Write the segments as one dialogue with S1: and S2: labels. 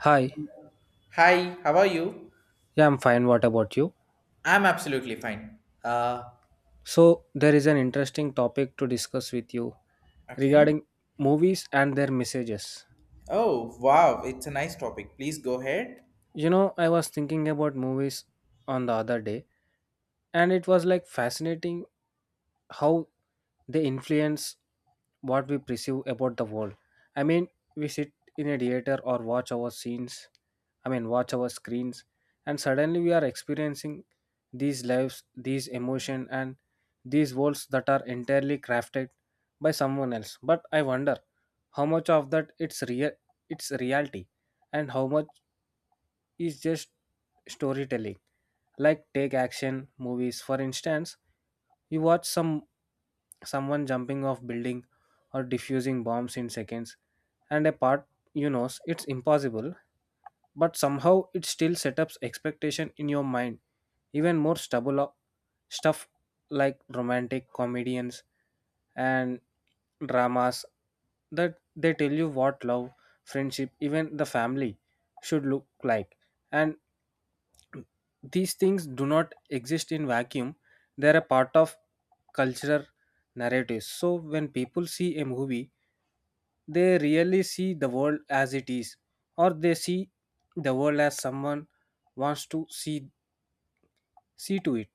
S1: Hi,
S2: Hi, how are you?
S1: yeah, I'm fine. What about you?
S2: I'm absolutely fine. Uh,
S1: So, there is an interesting topic to discuss with you
S2: okay.
S1: regarding movies and their messages.
S2: Oh, wow, it's a nice topic. Please go ahead.
S1: You know, I was thinking about movies on the other day, and it was like fascinating how they influence what we perceive about the world. I mean, we sit in a theater or watch our scenes, I mean, watch our screens, and suddenly we are experiencing these lives, these emotion, and these worlds that are entirely crafted by someone else. But I wonder how much of that it's real, it's reality, and how much is just storytelling. Like take action movies, for instance, you watch someone jumping off building or diffusing bombs in seconds and a part you know it's impossible but somehow it still sets up expectation in your mind even more stubble up stuff like romantic comedians and dramas that they tell you what love friendship even the family should look like and these things do not exist in vacuum. They are a part of cultural narratives. So when people see a movie, they really see the world as it is, or they see the world as someone wants to see to it.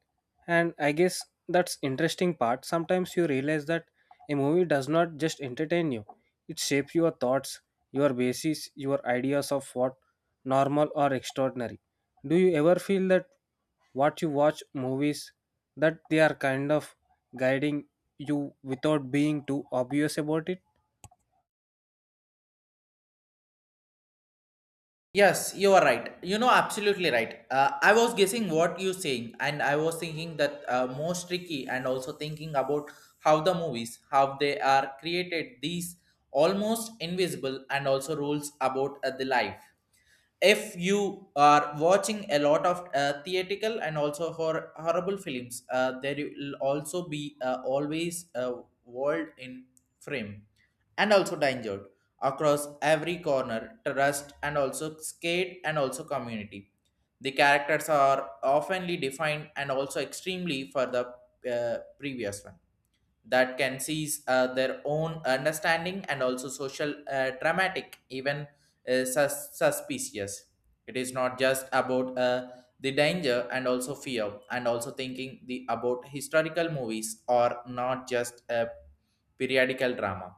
S1: And I guess that's interesting part. Sometimes you realize that a movie does not just entertain you; it shapes your thoughts, your basis, your ideas of what normal or extraordinary. Do you ever feel that what you watch movies that they are kind of guiding you without being too obvious about it?
S2: Yes, you are right. You know, absolutely right. I was guessing what you saying, and I was thinking that most tricky, and also thinking about how the movies, how they are created, these almost invisible, and also rules about the life. If you are watching a lot of theatrical and also horrible films there will also be always a world in frame and also danger across every corner trust and also skate and also community. The characters are oftenly defined and also extremely for the previous one that can seize their own understanding and also social dramatic, even suspicious. It is not just about the danger and also fear and also thinking the about historical movies or not just a periodical drama.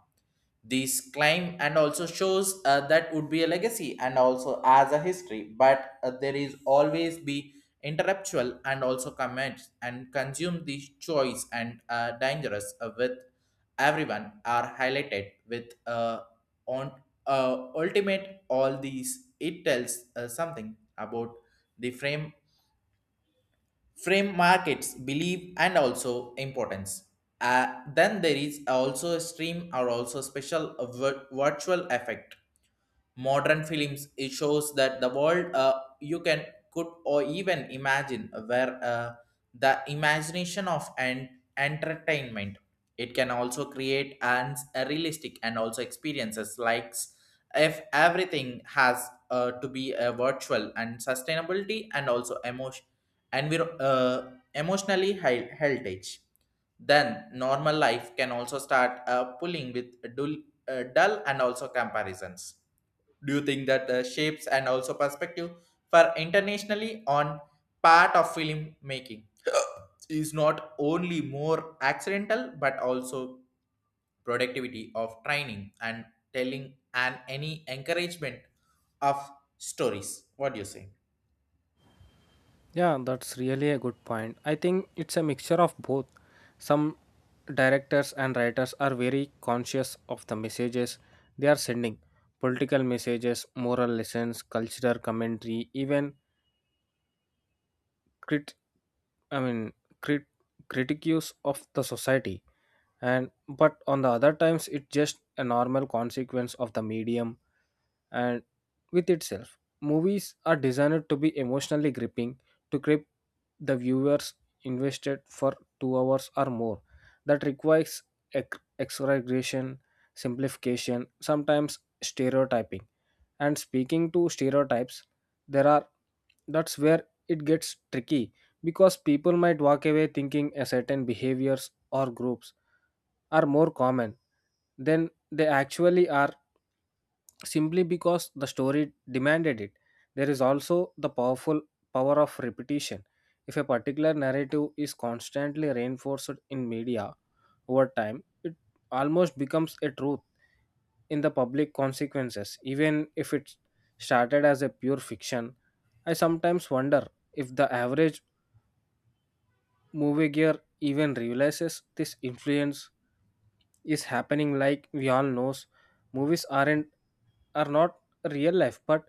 S2: This claim and also shows that would be a legacy and also as a history, but there is always be interruptual and also comments and consume the choice and dangerous with everyone are highlighted with on ultimate. All these it tells something about the frame markets believe and also importance. Then there is also a stream or also special virtual effect. Modern films it shows that the world you can could or even imagine, where the imagination of and entertainment it can also create and a realistic and also experiences, like if everything has to be a virtual and sustainability and also emotion emotionally heritage. Then normal life can also start pulling with dull and also comparisons. Do you think that the shapes and also perspective for internationally on part of film making is not only more accidental but also productivity of training and telling and any encouragement of stories? What do you say?
S1: Yeah, that's really a good point. I think it's a mixture of both. Some directors and writers are very conscious of the messages they are sending: political messages, moral lessons, cultural commentary, even crit i mean crit critiques of the society. And but on the other times it's just a normal consequence of the medium and with itself. Movies are designed to be emotionally gripping, to grip the viewers invested for 2 hours or more. That requires exaggeration, simplification, sometimes stereotyping. And speaking to stereotypes, there are that's where it gets tricky because people might walk away thinking a certain behaviors or groups are more common than they actually are simply because the story demanded it. There is also the power of repetition. If a particular narrative is constantly reinforced in media over time, it almost becomes a truth in the public consequences, even if it started as a pure fiction. I sometimes wonder if the average moviegoer even realizes this influence is happening. Like, we all knows movies are not real life, but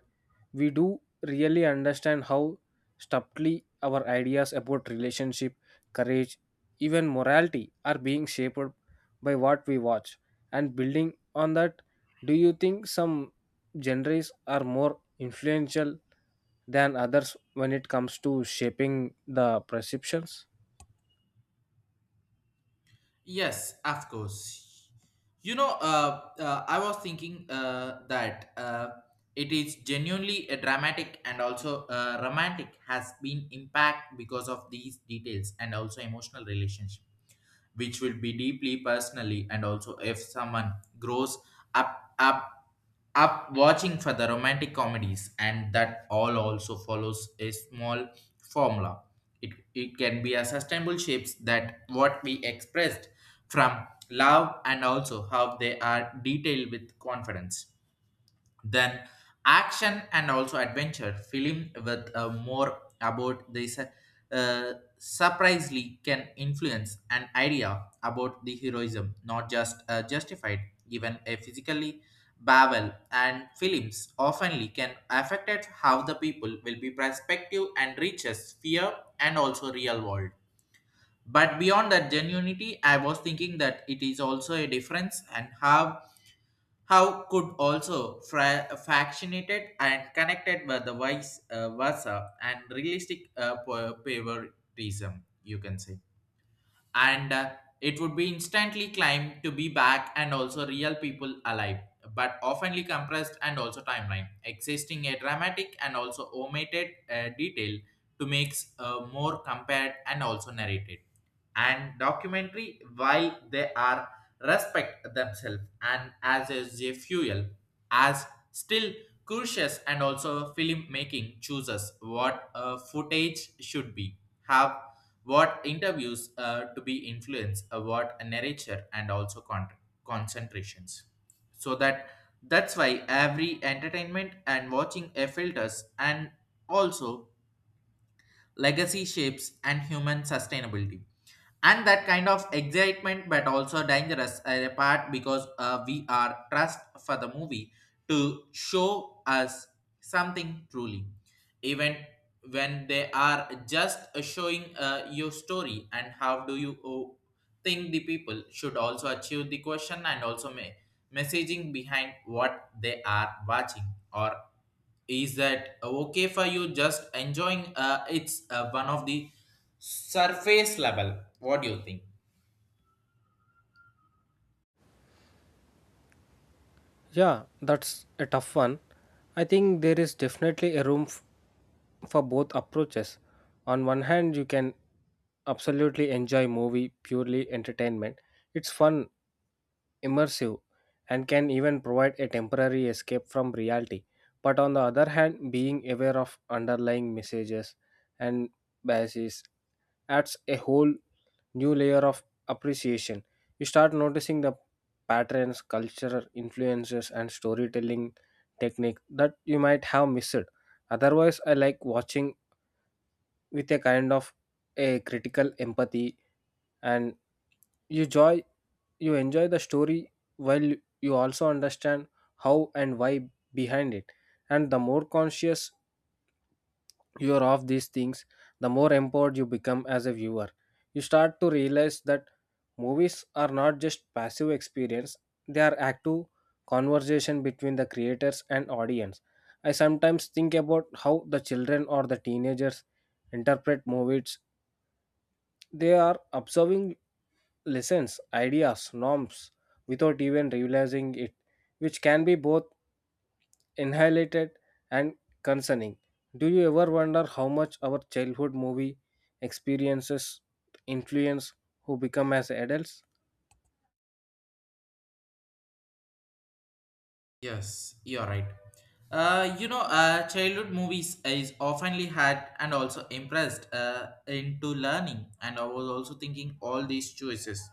S1: we do really understand how subtly our ideas about relationship, courage, even morality are being shaped by what we watch. And building on that, do you think some genres are more influential than others when it comes to shaping the perceptions?
S2: Yes, of course. You know, I was thinking that it is genuinely a dramatic and also romantic has been impact because of these details and also emotional relationship, which will be deeply personally, and also if someone grows up up up watching for the romantic comedies and that all also follows a small formula, it can be a sustainable shapes that what we expressed from love and also how they are detailed with confidence. Then action and also adventure film with more about this surprisingly can influence an idea about the heroism, not just justified given a physically babel. And films oftenly can affect it how the people will be perspective and reaches fear and also real world. But beyond that genuinity, I was thinking that it is also a difference, and how could also fractionated and connected by the vice versa and realistic favoritism, you can say. And it would be instantly claimed to be back and also real people alive, but oftenly compressed and also timeline existing a dramatic and also omitted detail to make more compared and also narrated. And documentary while they are respect themselves and as is a fuel, as still cautious and also filmmaking chooses what a footage should be have, what interviews to be influenced what a narrator and also concentrations. So that's why every entertainment and watching a filters and also legacy shapes and human sustainability, and that kind of excitement but also dangerous part, because we are trust for the movie to show us something truly, even when they are just showing your story. And how do you think the people should also achieve the question and also may messaging behind what they are watching? Or is that okay for you just enjoying it's one of the surface level? What do you think?
S1: Yeah, that's a tough one. I think there is definitely a room for both approaches. On one hand, you can absolutely enjoy movie purely entertainment. It's fun, immersive, and can even provide a temporary escape from reality. But on the other hand, being aware of underlying messages and biases adds a whole new layer of appreciation. You start noticing the patterns, cultural influences, and storytelling technique that you might have missed. Otherwise, I like watching with a kind of a critical empathy, and you joy you enjoy the story while you also understand how and why behind it. And the more conscious you're off these things, the more empowered you become as a viewer. You start to realize that movies are not just passive experience, they are active conversation between the creators and audience. I sometimes think about how the children or the teenagers interpret movies. They are observing lessons, ideas, norms without even realizing it, which can be both annihilated and concerning. Do you ever wonder how much our childhood movie experiences influence who become as adults?
S2: Yes, you're right. You know, childhood movies is oftenly had and also impressed into learning, and I was also thinking all these choices,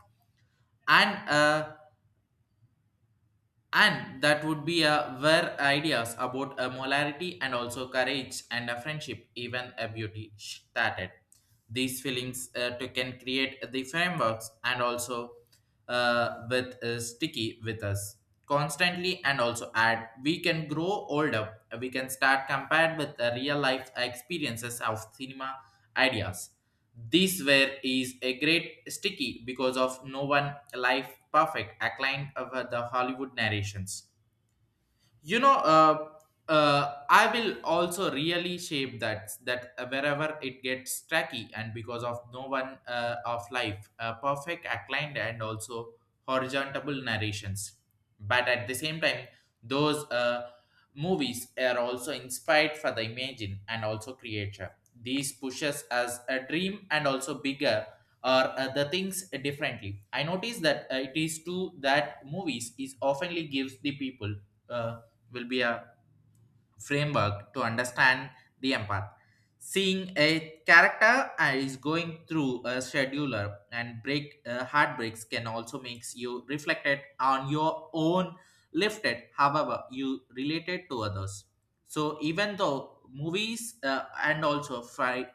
S2: and uh, and that would be a where ideas about a molarity and also courage and a friendship, even a beauty, started. These feelings to can create the frameworks and also with sticky with us constantly, and also add we can grow older, we can start compared with the real life experiences of cinema ideas. This ware is a great sticky because of no one life perfect, acclaimed over the Hollywood narrations. You know, I will also really shape that that wherever it gets tacky, and because of no one of life perfect outlined and also horizontal narrations. But at the same time, those movies are also inspired for the imagine and also creature. These pushes as a dream and also bigger, or the things differently I notice that it is true that movies is oftenly gives the people uh, will be a framework to understand the empath. Seeing a character is going through a scheduler and break heartbreaks can also makes you reflected on your own lifted. However, you related to others. So even though movies and also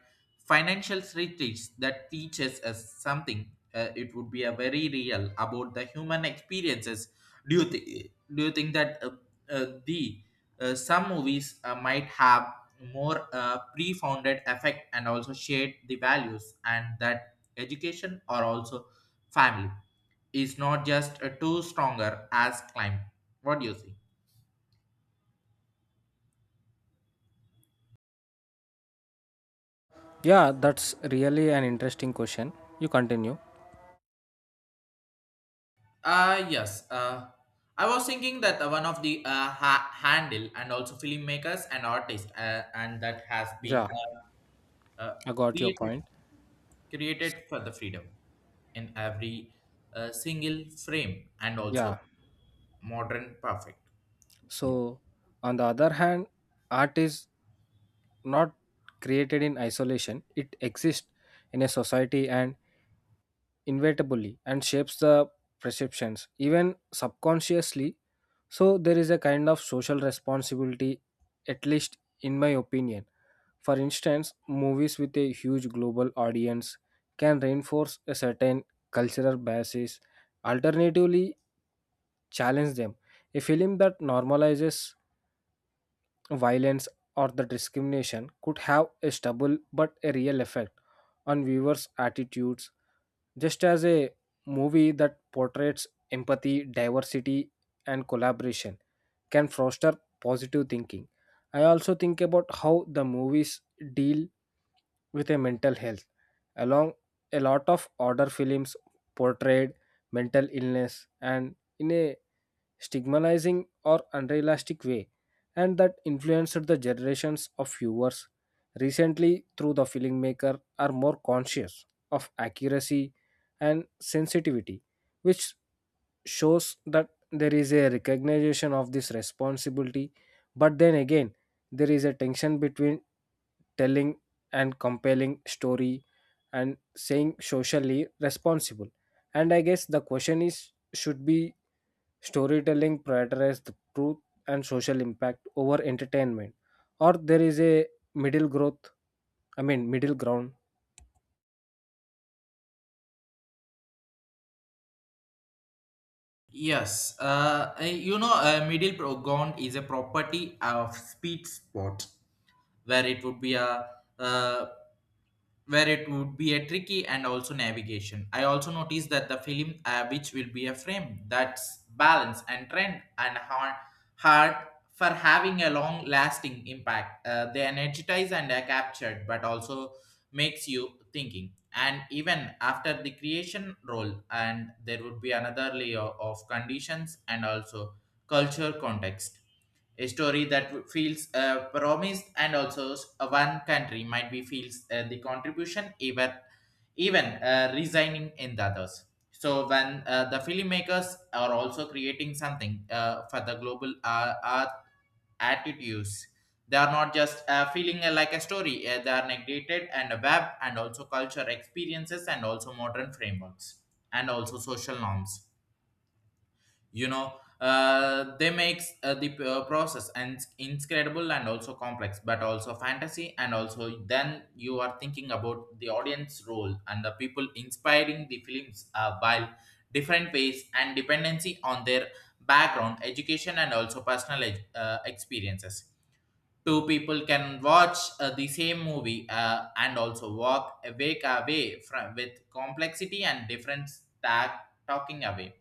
S2: financial retreats that teaches us something, it would be a very real about the human experiences. Do you think that the some movies might have more pre-founded effect and also shade the values, and that education or also family is not just too stronger as climb. What do you think?
S1: Yeah, that's really an interesting question. You continue.
S2: Yes. I was thinking that one of the handle and also filmmakers and artists, and that has been
S1: Yeah,
S2: uh, uh,
S1: I got your
S2: created
S1: point.
S2: created for the freedom in every single frame and
S1: Yeah.
S2: also modern perfect.
S1: So, on the other hand, art is not created in isolation, it exists in a society and inevitably and shapes the perceptions, even subconsciously. So, there is a kind of social responsibility, at least in my opinion. For instance, movies with a huge global audience can reinforce a certain cultural biases, alternatively, challenge them. A film that normalizes violence or the discrimination could have a stubble but a real effect on viewers' attitudes, just as a movie that portrays empathy, diversity, and collaboration can foster positive thinking. I also think about how the movies deal with a mental health. Along a lot of order films portrayed mental illness and in a stigmatizing or unrealistic way, and that influenced the generations of viewers. Recently, through the filmmaker, are more conscious of accuracy and sensitivity, which shows that there is a recognition of this responsibility. But then again, there is a tension between telling and compelling story and saying socially responsible. And I guess the question is, should be storytelling prioritize the truth and social impact over entertainment, or there is a middle growth I mean middle ground?
S2: Yes, you know, middle ground is a property of speed spot where it would be a uh, tricky and also navigation. I also noticed that the film, which will be a frame that's balance and trend and hard for having a long lasting impact. They energize and are captured, but also makes you thinking. And even after the creation role, and there would be another layer of conditions and also culture context. A story that feels promised and also one country might be feels the contribution, even resigning in the others. So when the filmmakers are also creating something for the global art attitudes, they are not just feeling like a story. They are negated and a web and also culture experiences and also modern frameworks and also social norms. You know, they makes the process and incredible and also complex but also fantasy. And also then you are thinking about the audience role and the people inspiring the films while different ways and dependency on their background education and also personal experiences. Two people can watch the same movie and also walk awake away from with complexity and different stack talking away.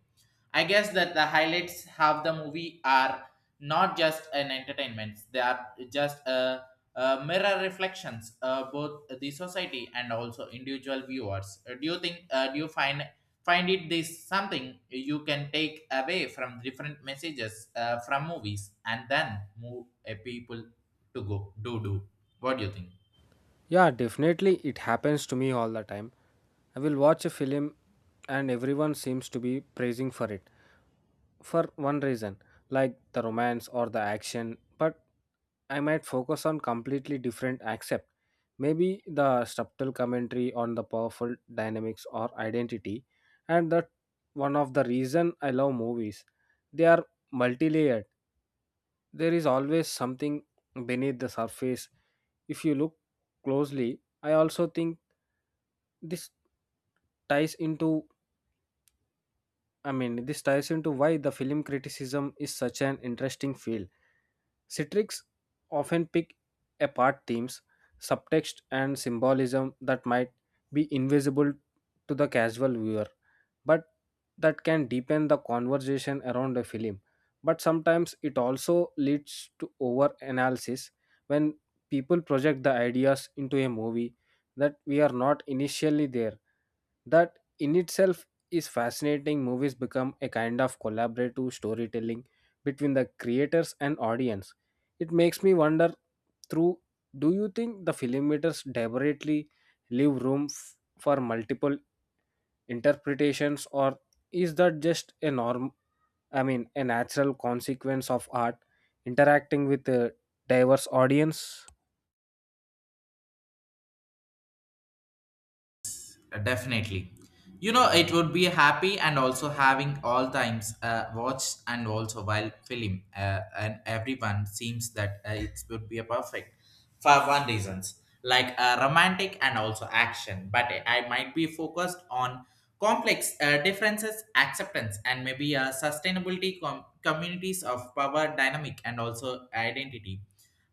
S2: I guess that the highlights have the movie are not just an entertainment; they are just a mirror reflections, both the society and also individual viewers. Do you think? Do you find it this something you can take away from different messages from movies and then move a people to go do? What do you think?
S1: Yeah, definitely it happens to me all the time. I will watch a film and everyone seems to be praising for it for one reason, like the romance or the action, but I might focus on completely different aspect. Maybe the subtle commentary on the powerful dynamics or identity, and that one of the reason I love movies. They are multi-layered, there is always something beneath the surface if you look closely. I also think this ties into I mean, this ties into why the film criticism is such an interesting field. Citrics often pick apart themes, subtext, and symbolism that might be invisible to the casual viewer, but that can deepen the conversation around a film. But sometimes it also leads to over analysis when people project the ideas into a movie that we are not initially there. That in itself is fascinating. Movies become a kind of collaborative storytelling between the creators and audience. It makes me wonder through, do you think the filmmakers deliberately leave room for multiple interpretations, or is that just a norm I mean a natural consequence of art interacting with a diverse audience?
S2: Definitely. You know, it would be happy and also having all times watched and also while film, and everyone seems that it would be a perfect for one reasons, like romantic and also action. But I might be focused on complex differences, acceptance, and maybe sustainability communities of power dynamic and also identity.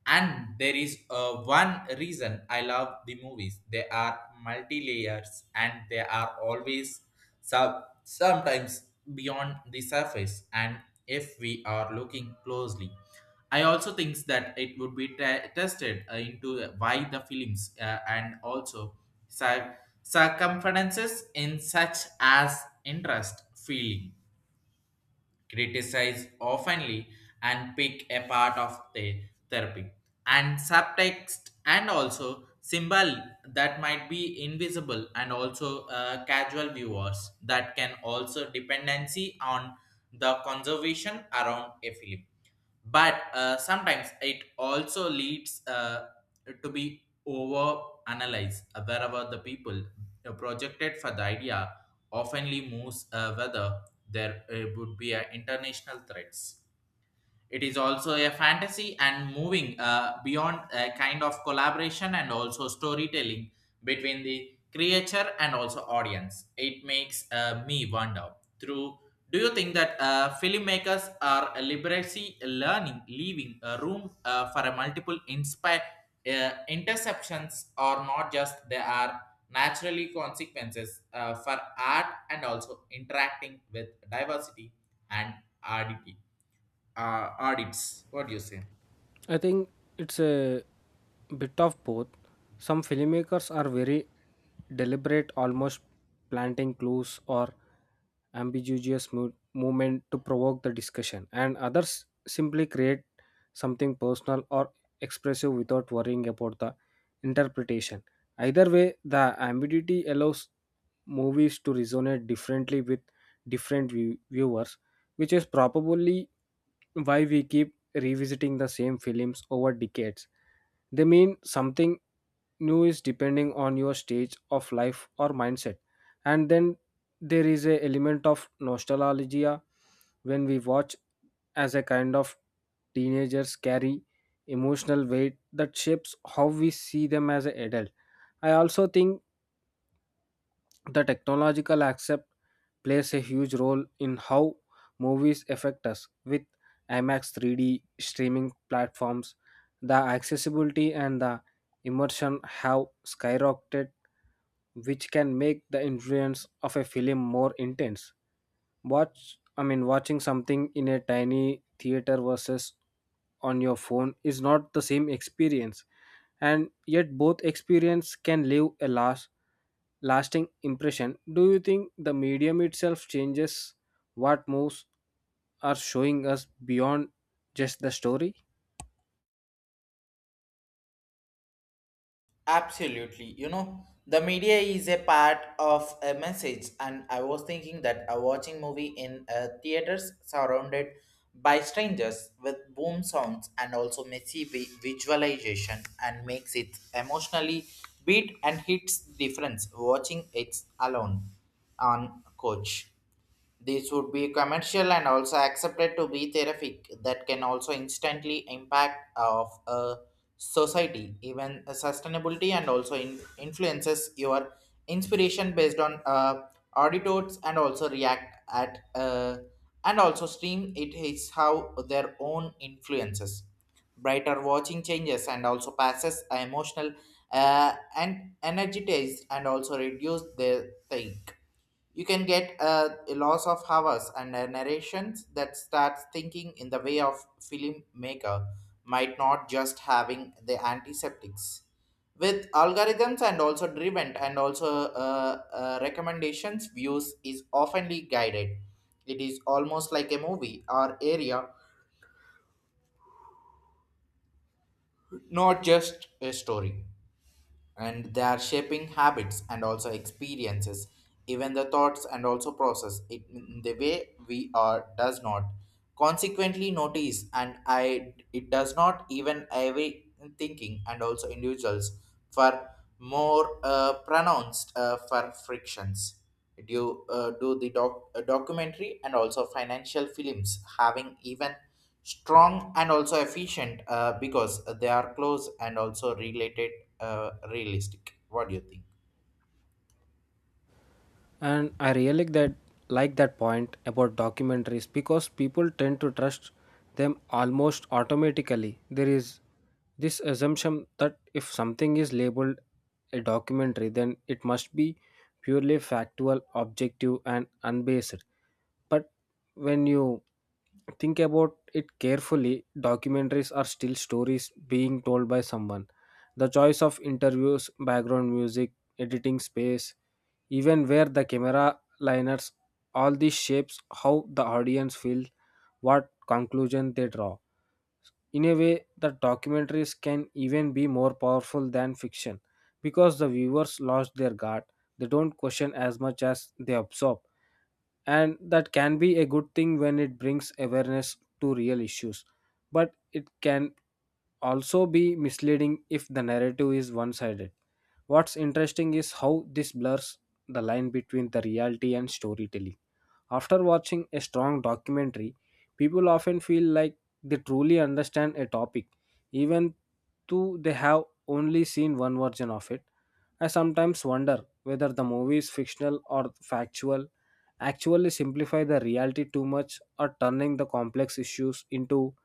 S2: And there is one reason I love the movies. They are multi layers, and they are always sometimes beyond the surface. And if we are looking closely, I also think that it would be tested into why the films and also cir- circumferences in such as interest, feeling criticize oftenly and pick a part of the therapy and subtext and also symbol that might be invisible and also casual viewers that can also dependency on the conservation around a film. But sometimes it also leads to be over analyzed wherever the people projected for the idea oftenly moves whether there would be international threats. It is also a fantasy and moving beyond a kind of collaboration and also storytelling between the creature and also audience. It makes me wonder through. Do you think that filmmakers are liberally learning, leaving a room for a multiple inspire interceptions, or not just they are naturally consequences for art and also interacting with diversity and oddity? Audits. What do you say?
S1: I think it's a bit of both. Some filmmakers are very deliberate, almost planting clues or ambiguous movement to provoke the discussion, and others simply create something personal or expressive without worrying about the interpretation. Either way, the ambiguity allows movies to resonate differently with different viewers, which is probably why we keep revisiting the same films over decades. They mean something new is depending on your stage of life or mindset. And then there is a element of nostalgia when we watch as a kind of teenagers carry emotional weight that shapes how we see them as an adult. I also think the technological accept plays a huge role in how movies affect us. With IMAX 3D streaming platforms, the accessibility and the immersion have skyrocketed, which can make the influence of a film more intense. Watching something in a tiny theater versus on your phone is not the same experience, and yet both experience can leave a lasting impression. Do you think the medium itself changes what moves are showing us beyond just the story?
S2: Absolutely. You know, the media is a part of a message, and I was thinking that a watching movie in a theaters surrounded by strangers with boom sounds and also messy visualization and makes it emotionally beat and hits difference watching it alone on coach. This would be commercial and also accepted to be therapeutic that can also instantly impact of a society, even a sustainability and also influences your inspiration based on auditors and also react at and also stream it is how their own influences. Brighter watching changes and also passes emotional and energized and also reduce their think you can get a loss of hours and a narrations that starts thinking in the way of filmmaker might not just having the antiseptics with algorithms and also driven and also uh, recommendations views is oftenly guided. It is almost like a movie or area, not just a story, and they are shaping habits and also experiences, even the thoughts and also process it in the way we are does not consequently notice, and I it does not even every thinking and also individuals for more pronounced for frictions. Do the documentary and also financial films having even strong and also efficient because they are close and also related realistic? What do you think?
S1: And I really like that point about documentaries because people tend to trust them almost automatically. There is this assumption that if something is labeled a documentary, then it must be purely factual, objective, and unbased. But when you think about it carefully, documentaries are still stories being told by someone. The choice of interviews, background music, editing space, even where the camera liners, all this shapes how the audience feels what conclusion they draw. In a way, the documentaries can even be more powerful than fiction because the viewers lost their guard. They don't question as much as they absorb. And that can be a good thing when it brings awareness to real issues. But it can also be misleading if the narrative is one sided. What's interesting is how this blurs the line between the reality and storytelling. After watching a strong documentary, people often feel like they truly understand a topic, even though they have only seen one version of it. I sometimes wonder whether the movies, fictional or factual, actually simplify the reality too much or turning the complex issues into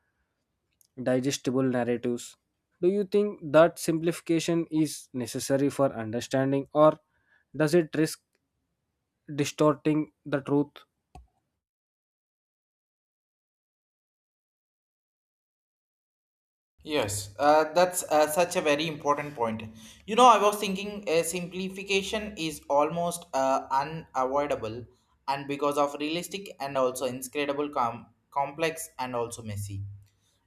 S1: digestible narratives. Do you think that simplification is necessary for understanding, or does it risk distorting the truth?
S2: Yes, that's such a very important point. You know, I was thinking simplification is almost unavoidable, and because of realistic and also inscrutable, complex, and also messy.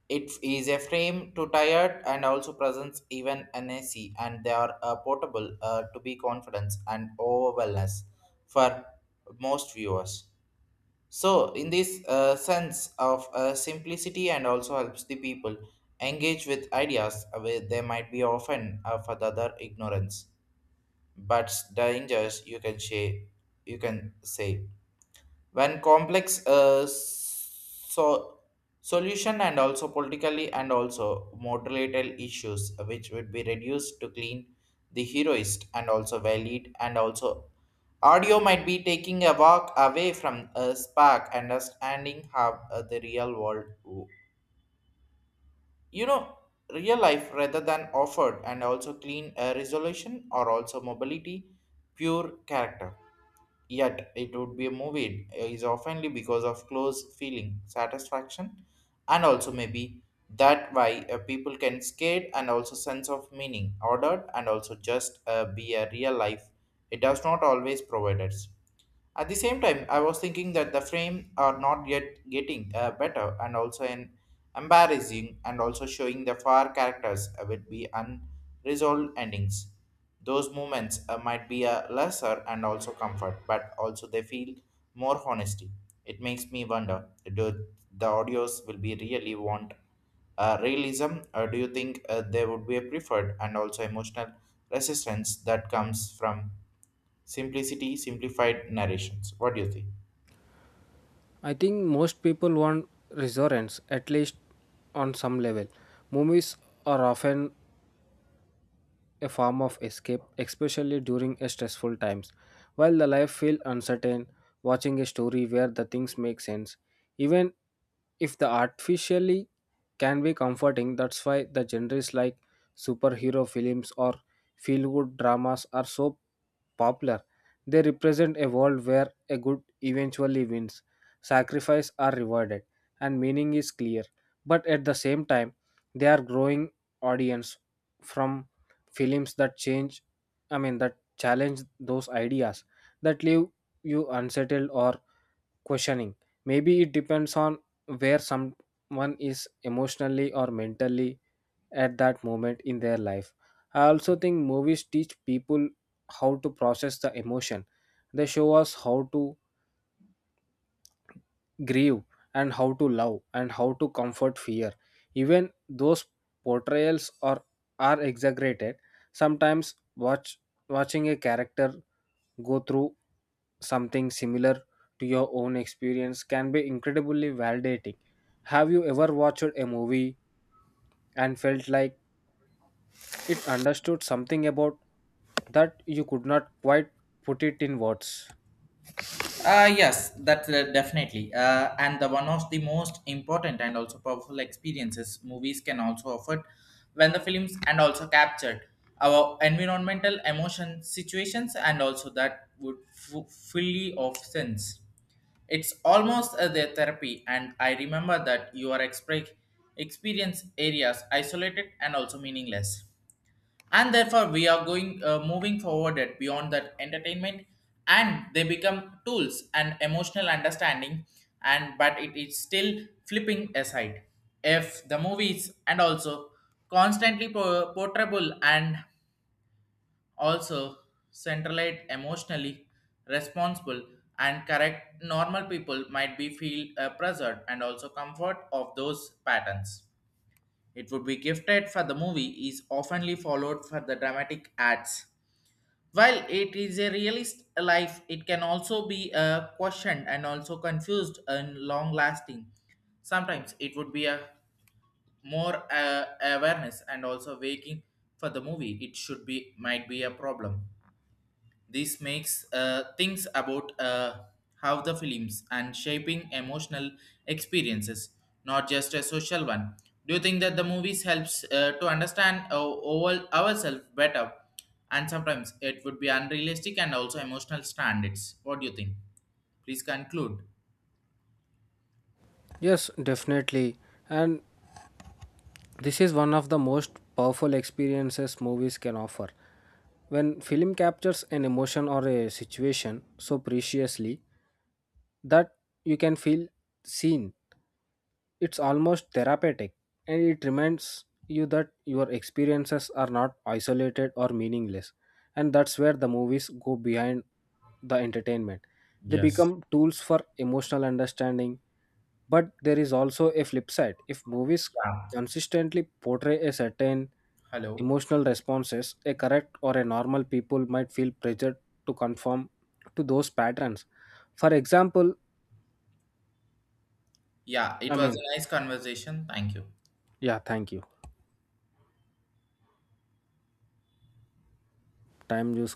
S2: It is a frame to tired and also presents even an, and they are portable to be confidence and over wellness for most viewers. So in this sense of simplicity and also helps the people engage with ideas where they might be often for the other ignorance, but dangers you can say when complex so solution and also politically and also moderated issues which would be reduced to clean, the heroist and also valid and also audio might be taking a walk away from a spark understanding how the real you know, real life rather than offered and also clean resolution or also mobility pure character. Yet it would be a movie is oftenly because of close feeling, satisfaction, and also maybe that why people can skate and also sense of meaning, ordered, and also just be a real life. It does not always provide us. At the same time, I was thinking that the frame are not yet getting better and also an embarrassing and also showing the far characters would be unresolved endings. Those moments might be a lesser and also comfort, but also they feel more honesty. It makes me wonder, do the audios will be really want realism, or do you think there would be a preferred and also emotional resistance that comes from simplicity, simplified narrations? What do you think?
S1: I think most people want reassurance, at least on some level. Movies are often a form of escape, especially during a stressful times. While the life feels uncertain, watching a story where the things make sense, even if the artificially, can be comforting. That's why the genres like superhero films or feel good dramas are so popular. They represent a world where a good eventually wins, sacrifice are rewarded, and meaning is clear. But at the same time, they are growing audience from films that change I mean that challenge those ideas, that leave you unsettled or questioning. Maybe it depends on where someone is emotionally or mentally at that moment in their life. I also think movies teach people how to process the emotion. They show us how to grieve and how to love and how to comfort fear, even those portrayals are exaggerated. Sometimes watching a character go through something similar to your own experience can be incredibly validating. Have you ever watched a movie and felt like it understood something about that you could not quite put it in words?
S2: Yes, that's definitely. And the one of the most important and also powerful experiences movies can also offer when the films and also captured our environmental emotion situations and also that would fully of sense. It's almost their therapy, and I remember that your experience areas isolated and also meaningless, and therefore we are going moving forward at beyond that entertainment, and they become tools and emotional understanding. And but it is still flipping aside, if the movies and also constantly portrayable and also centralized emotionally responsible and correct normal people might be feel pressured and also comfort of those patterns. It would be gifted for the movie is oftenly followed for the dramatic ads. While it is a realist life, it can also be questioned and also confused and long-lasting. Sometimes it would be a more awareness and also waking for the movie. It should be might be a problem. This makes things about how the films and shaping emotional experiences, not just a social one. Do you think that the movies helps to understand ourselves better? And sometimes it would be unrealistic and also emotional standards. What do you think? Please conclude.
S1: Yes, definitely. And this is one of the most powerful experiences movies can offer. When film captures an emotion or a situation so preciously that you can feel seen, it's almost therapeutic, and it reminds you that your experiences are not isolated or meaningless. And that's where the movies go behind the entertainment. They
S2: Yes.
S1: become tools for emotional understanding, but there is also a flip side. If movies
S2: Yeah.
S1: consistently portray a certain
S2: Hello.
S1: emotional responses, a correct or a normal people might feel pressured to conform to those patterns. For example,
S2: Yeah,
S1: I
S2: it was
S1: mean,
S2: a nice conversation. Thank you.
S1: yeah, thank you. Time use